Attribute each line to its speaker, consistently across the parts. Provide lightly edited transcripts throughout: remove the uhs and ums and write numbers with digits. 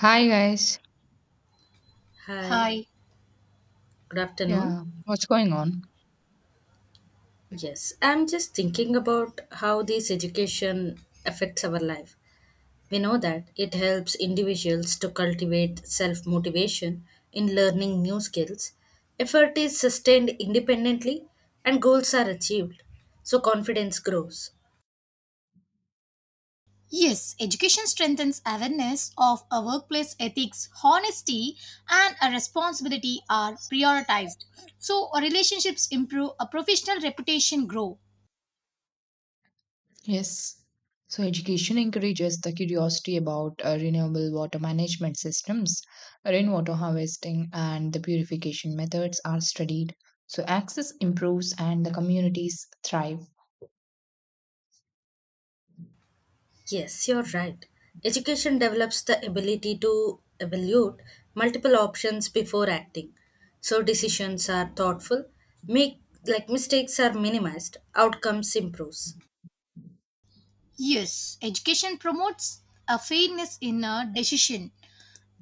Speaker 1: Hi guys.
Speaker 2: Hi,
Speaker 3: Hi.
Speaker 2: good afternoon.
Speaker 1: Yeah, what's going on?
Speaker 2: Yes, I'm just thinking about how this education affects our life. We know that it helps individuals to cultivate self motivation in learning new skills. Effort is sustained independently and goals are achieved, so confidence grows.
Speaker 3: Yes, education strengthens awareness of a workplace ethics, honesty, and a responsibility are prioritized. So our relationships improve, a professional reputation grow.
Speaker 1: Yes. So education encourages the curiosity about renewable water management systems, rainwater harvesting and the purification methods are studied. So access improves and the communities thrive.
Speaker 2: Yes, you're right. Education develops the ability to evaluate multiple options before acting. So decisions are thoughtful, make like mistakes are minimized, outcomes improves.
Speaker 3: Yes, education promotes a fairness in a decision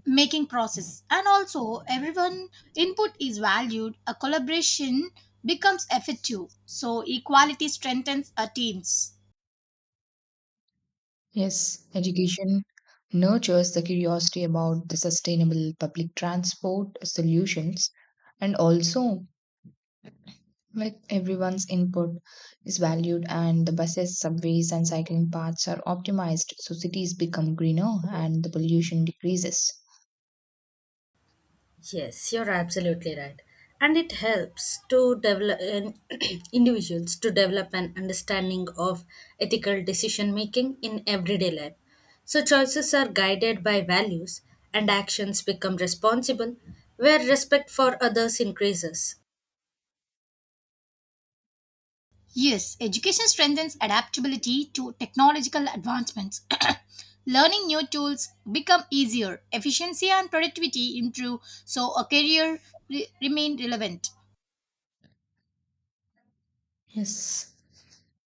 Speaker 3: making process and also everyone input is valued a collaboration becomes effective so equality strengthens our teams.
Speaker 1: Yes, education nurtures the curiosity about the sustainable public transport solutions, and also like everyone's input is valued and the buses, subways and cycling paths are optimized so cities become greener and the pollution decreases.
Speaker 2: Yes, you're absolutely right. And it helps to develop in individuals to develop an understanding of ethical decision making in everyday life. So choices are guided by values and actions become responsible where respect for others increases.
Speaker 3: Yes, education strengthens adaptability to technological advancements. Learning new tools become easier, efficiency and productivity improve, so a career remain relevant.
Speaker 1: Yes,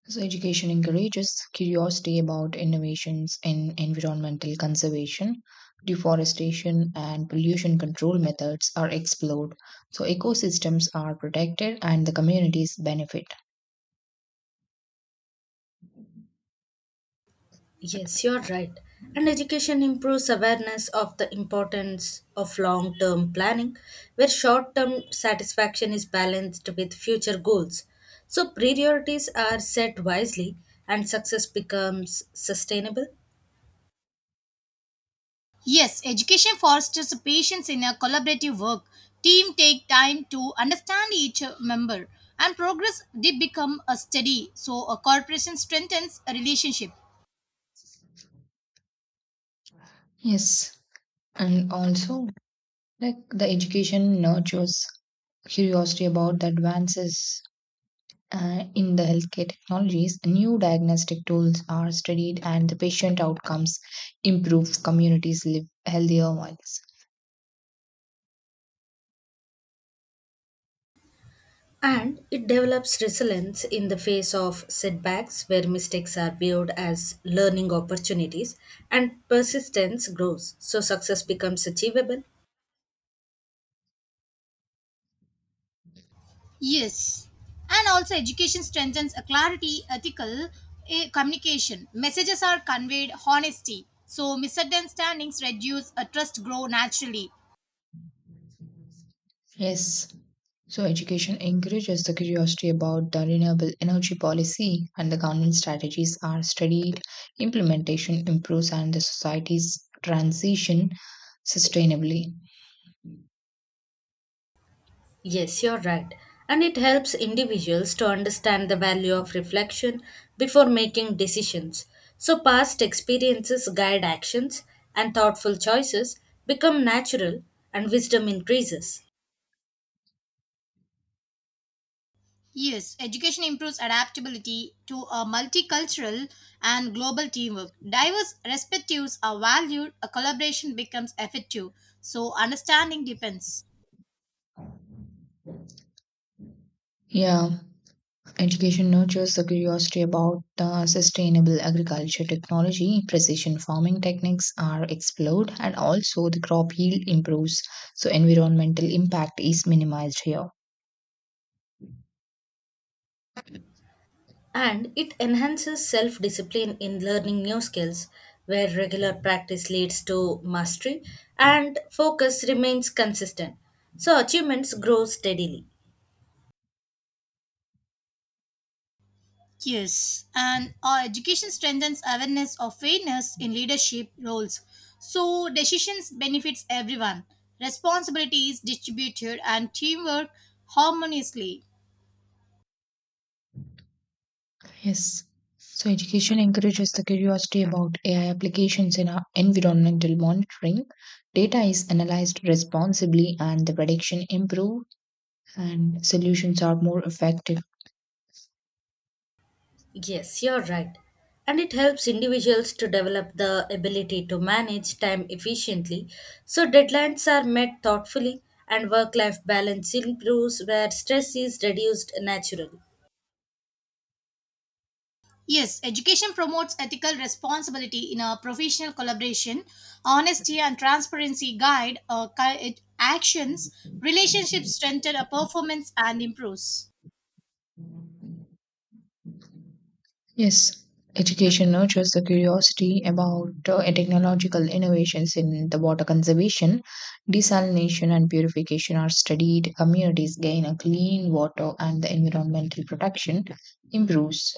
Speaker 1: so education encourages curiosity about innovations in environmental conservation, deforestation and pollution control methods are explored, so ecosystems are protected and the communities benefit.
Speaker 2: Yes, you're right. And education improves awareness of the importance of long term planning, where short term satisfaction is balanced with future goals. So, priorities are set wisely, and success becomes sustainable.
Speaker 3: Yes, education fosters patience in a collaborative work. Team take time to understand each member and progress did become a study, so a corporation strengthens a relationship.
Speaker 1: Yes, and also like the education nurtures curiosity about the advances, in the healthcare technologies, new diagnostic tools are studied and the patient outcomes improve. Communities live healthier lives.
Speaker 2: And it develops resilience in the face of setbacks, where mistakes are viewed as learning opportunities, and persistence grows. So, success becomes achievable.
Speaker 3: Yes, and also education strengthens a clarity, ethical communication. Messages are conveyed honesty, so misunderstandings reduce, a trust grow naturally.
Speaker 1: Yes. So education encourages the curiosity about the renewable energy policy and the government strategies are studied. Implementation improves and the society's transition sustainably.
Speaker 2: Yes, you're right. And it helps individuals to understand the value of reflection before making decisions. So, past experiences guide actions, and thoughtful choices become natural, and wisdom increases.
Speaker 3: Yes, education improves adaptability to a multicultural and global teamwork. Diverse perspectives are valued, a collaboration becomes effective. So understanding depends.
Speaker 1: Yeah. Education nurtures the curiosity about the sustainable agriculture technology, precision farming techniques are explored, and also the crop yield improves. So environmental impact is minimized here.
Speaker 2: And it enhances self discipline in learning new skills, where regular practice leads to mastery and focus remains consistent. So, achievements grow steadily.
Speaker 3: Yes, and our education strengthens awareness of fairness in leadership roles. So decisions benefits everyone. Responsibility is distributed and teamwork harmoniously.
Speaker 1: Yes. So education encourages the curiosity about AI applications in our environmental monitoring. Data is analyzed responsibly, and the prediction improved, and solutions are more effective.
Speaker 2: Yes, you're right. And it helps individuals to develop the ability to manage time efficiently so deadlines are met thoughtfully and work life balance improves where stress is reduced naturally.
Speaker 3: Yes, education promotes ethical responsibility in a professional collaboration. Honesty and transparency guide actions. Relationships strengthen a performance and improves.
Speaker 1: Yes, education nurtures the curiosity about technological innovations in the water conservation, desalination, and purification are studied. Communities gain a clean water, and the environmental protection improves.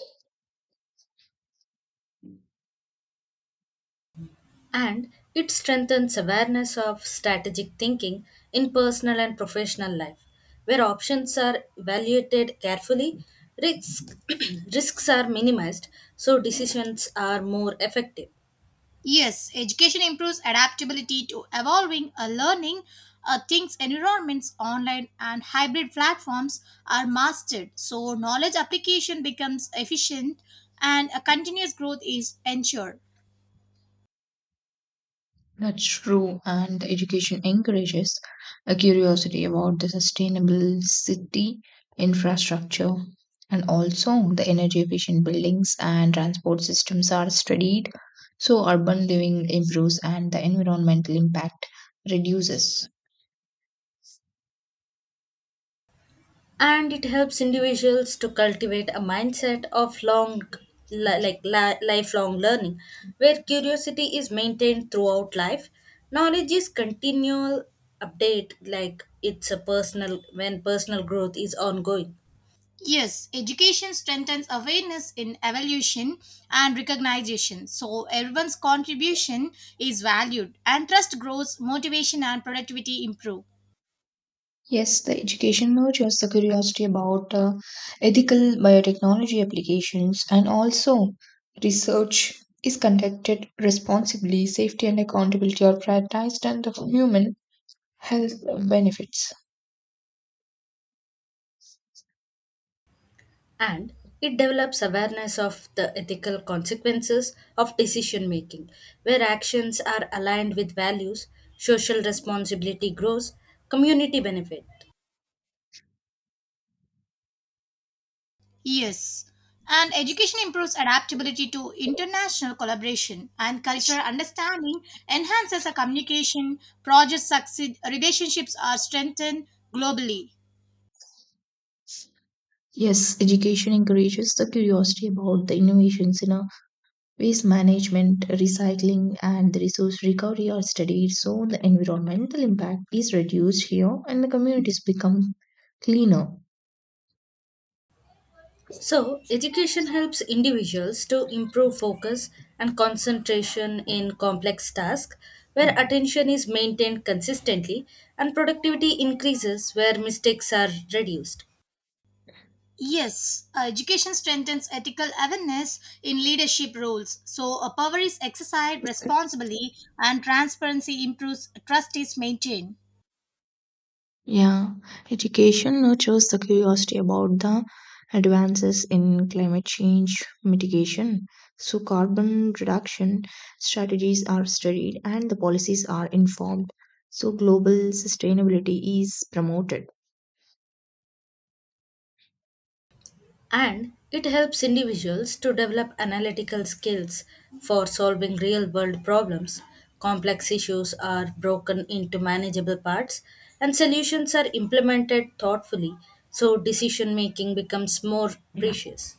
Speaker 2: And it strengthens awareness of strategic thinking in personal and professional life, where options are evaluated carefully, risks, risks are minimized, so decisions are more effective.
Speaker 3: Yes, education improves adaptability to evolving a learning things environments online and hybrid platforms are mastered so knowledge application becomes efficient and a continuous growth is ensured.
Speaker 1: That's true, and education encourages a curiosity about the sustainable city infrastructure. And also, the energy efficient buildings and transport systems are studied, so urban living improves and the environmental impact reduces.
Speaker 2: And it helps individuals to cultivate a mindset of long li- like li- lifelong learning, where curiosity is maintained throughout life, knowledge is continual update, like it's a personal when personal growth is ongoing.
Speaker 3: Yes, education strengthens awareness in evolution and recognition so everyone's contribution is valued and trust grows motivation and productivity improve.
Speaker 1: Yes, the education nurtures the curiosity about ethical biotechnology applications, and also research is conducted responsibly, safety and accountability are prioritized, and the human health benefits.
Speaker 2: And it develops awareness of the ethical consequences of decision making, where actions are aligned with values, social responsibility grows, community benefit.
Speaker 3: Yes, and education improves adaptability to international collaboration and cultural understanding, enhances our communication, projects succeed, relationships are strengthened globally.
Speaker 1: Yes, education encourages the curiosity about the innovations in a waste management, recycling, and the resource recovery are studied, so the environmental impact is reduced here and the communities become cleaner.
Speaker 2: So, education helps individuals to improve focus and concentration in complex tasks where attention is maintained consistently and productivity increases where mistakes are reduced.
Speaker 3: Yes, education strengthens ethical awareness in leadership roles. So, a power is exercised responsibly and transparency improves, trust is maintained.
Speaker 1: Yeah, education nurtures the curiosity about the advances in climate change mitigation. So carbon reduction strategies are studied and the policies are informed. So global sustainability is promoted.
Speaker 2: And it helps individuals to develop analytical skills for solving real world problems. Complex issues are broken into manageable parts and solutions are implemented thoughtfully, so decision making becomes more
Speaker 1: Yeah,
Speaker 2: precious.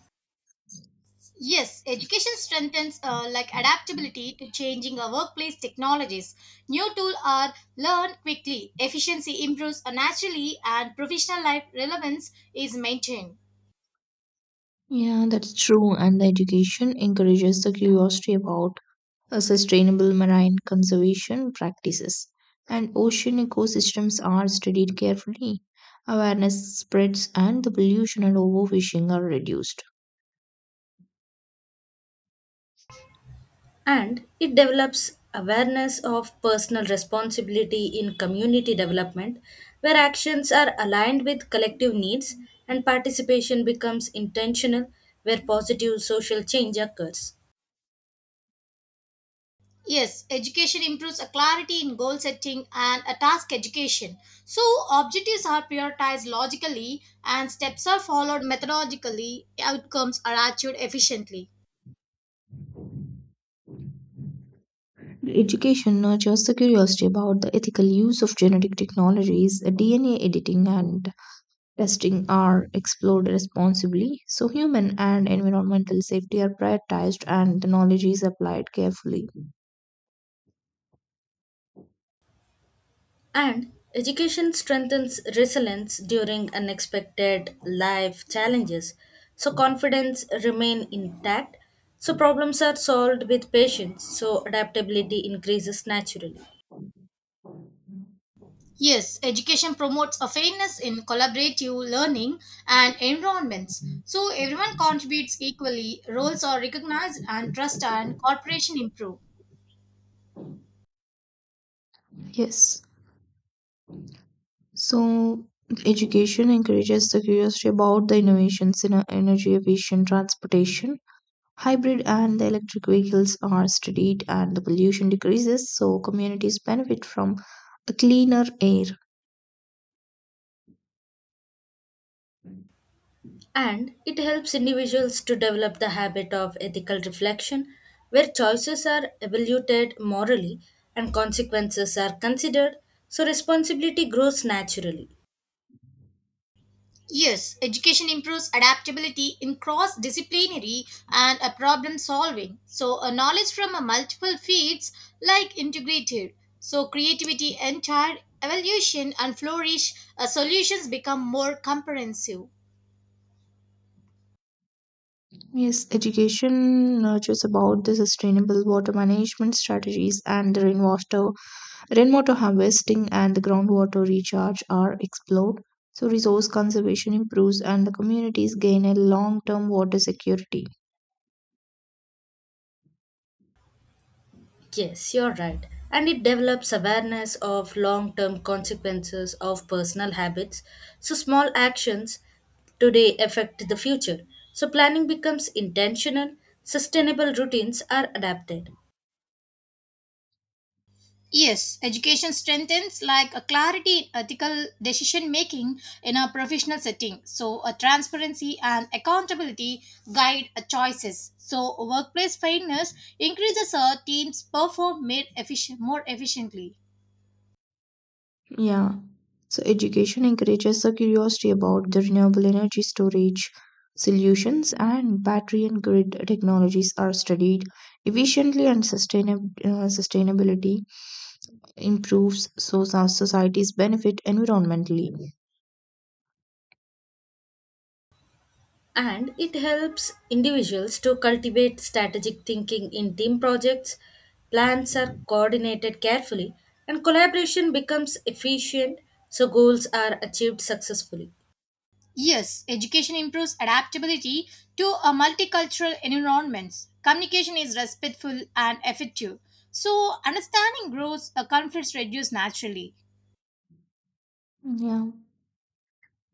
Speaker 3: Yes, education strengthens like adaptability to changing our workplace technologies. New tools are learned quickly, efficiency improves naturally, and professional life relevance is maintained.
Speaker 1: yeah, that's true. And the education encourages the curiosity about sustainable marine conservation practices, and ocean ecosystems are studied carefully. Awareness spreads and the pollution and overfishing are reduced.
Speaker 2: And it develops awareness of personal responsibility in community development, where actions are aligned with collective needs and participation becomes intentional, where positive social change occurs.
Speaker 3: Yes, education improves a clarity in goal setting and a task education. So objectives are prioritized logically and steps are followed methodologically, outcomes are achieved efficiently.
Speaker 1: Education nurtures the curiosity about the ethical use of genetic technologies, DNA editing, and testing are explored responsibly. So human and environmental safety are prioritized, and the knowledge is applied carefully.
Speaker 2: And education strengthens resilience during unexpected life challenges, so confidence remain intact, so problems are solved with patience, so adaptability increases naturally.
Speaker 3: Yes, education promotes a fairness in collaborative learning and environments. So everyone contributes equally, roles are recognized, and trust and cooperation improve.
Speaker 1: Yes. So education encourages the curiosity about the innovations in energy efficient transportation. Hybrid and the electric vehicles are studied, and the pollution decreases, so communities benefit from a cleaner air.
Speaker 2: And it helps individuals to develop the habit of ethical reflection, where choices are evaluated morally and consequences are considered, so responsibility grows naturally.
Speaker 3: Yes, education improves adaptability in cross disciplinary and problem solving. So, a knowledge from a multiple fields like integrated. So, creativity entire evolution and flourish, solutions become more comprehensive.
Speaker 1: Yes, education nurtures about the sustainable water management strategies and the rainwater harvesting and the groundwater recharge are explored. So resource conservation improves, and the communities gain a long term water security.
Speaker 2: Yes, you're right. And it develops awareness of long term consequences of personal habits, so small actions today affect the future. So planning becomes intentional, sustainable routines are adapted.
Speaker 3: Yes, education strengthens like a clarity in ethical decision making in a professional setting. So, a transparency and accountability guide a choices. So, workplace fairness increases a team's perform made efficient, more efficiently.
Speaker 1: Yeah. So education encourages the curiosity about the renewable energy storage solutions and battery and grid technologies are studied efficiently and sustainability improves so society's benefit environmentally.
Speaker 2: And it helps individuals to cultivate strategic thinking in team projects. Plans are coordinated carefully, and collaboration becomes efficient so goals are achieved successfully.
Speaker 3: Yes, education improves adaptability to a multicultural environments. Communication is respectful and effective. So, understanding grows, a conflicts reduce naturally.
Speaker 1: Yeah.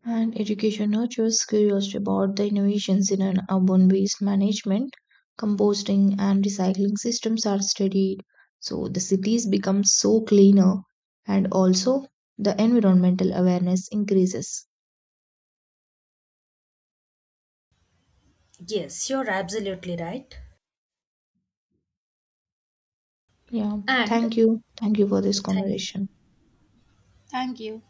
Speaker 1: And education nurtures curiosity about the innovations in an urban waste management, composting, and recycling systems are studied. So the cities become so cleaner, and also the environmental awareness increases.
Speaker 2: Yes, you're absolutely right.
Speaker 1: Yeah,
Speaker 2: And
Speaker 1: thank you. Thank you for this
Speaker 2: yeah, thank you.
Speaker 1: conversation.
Speaker 3: Thank you.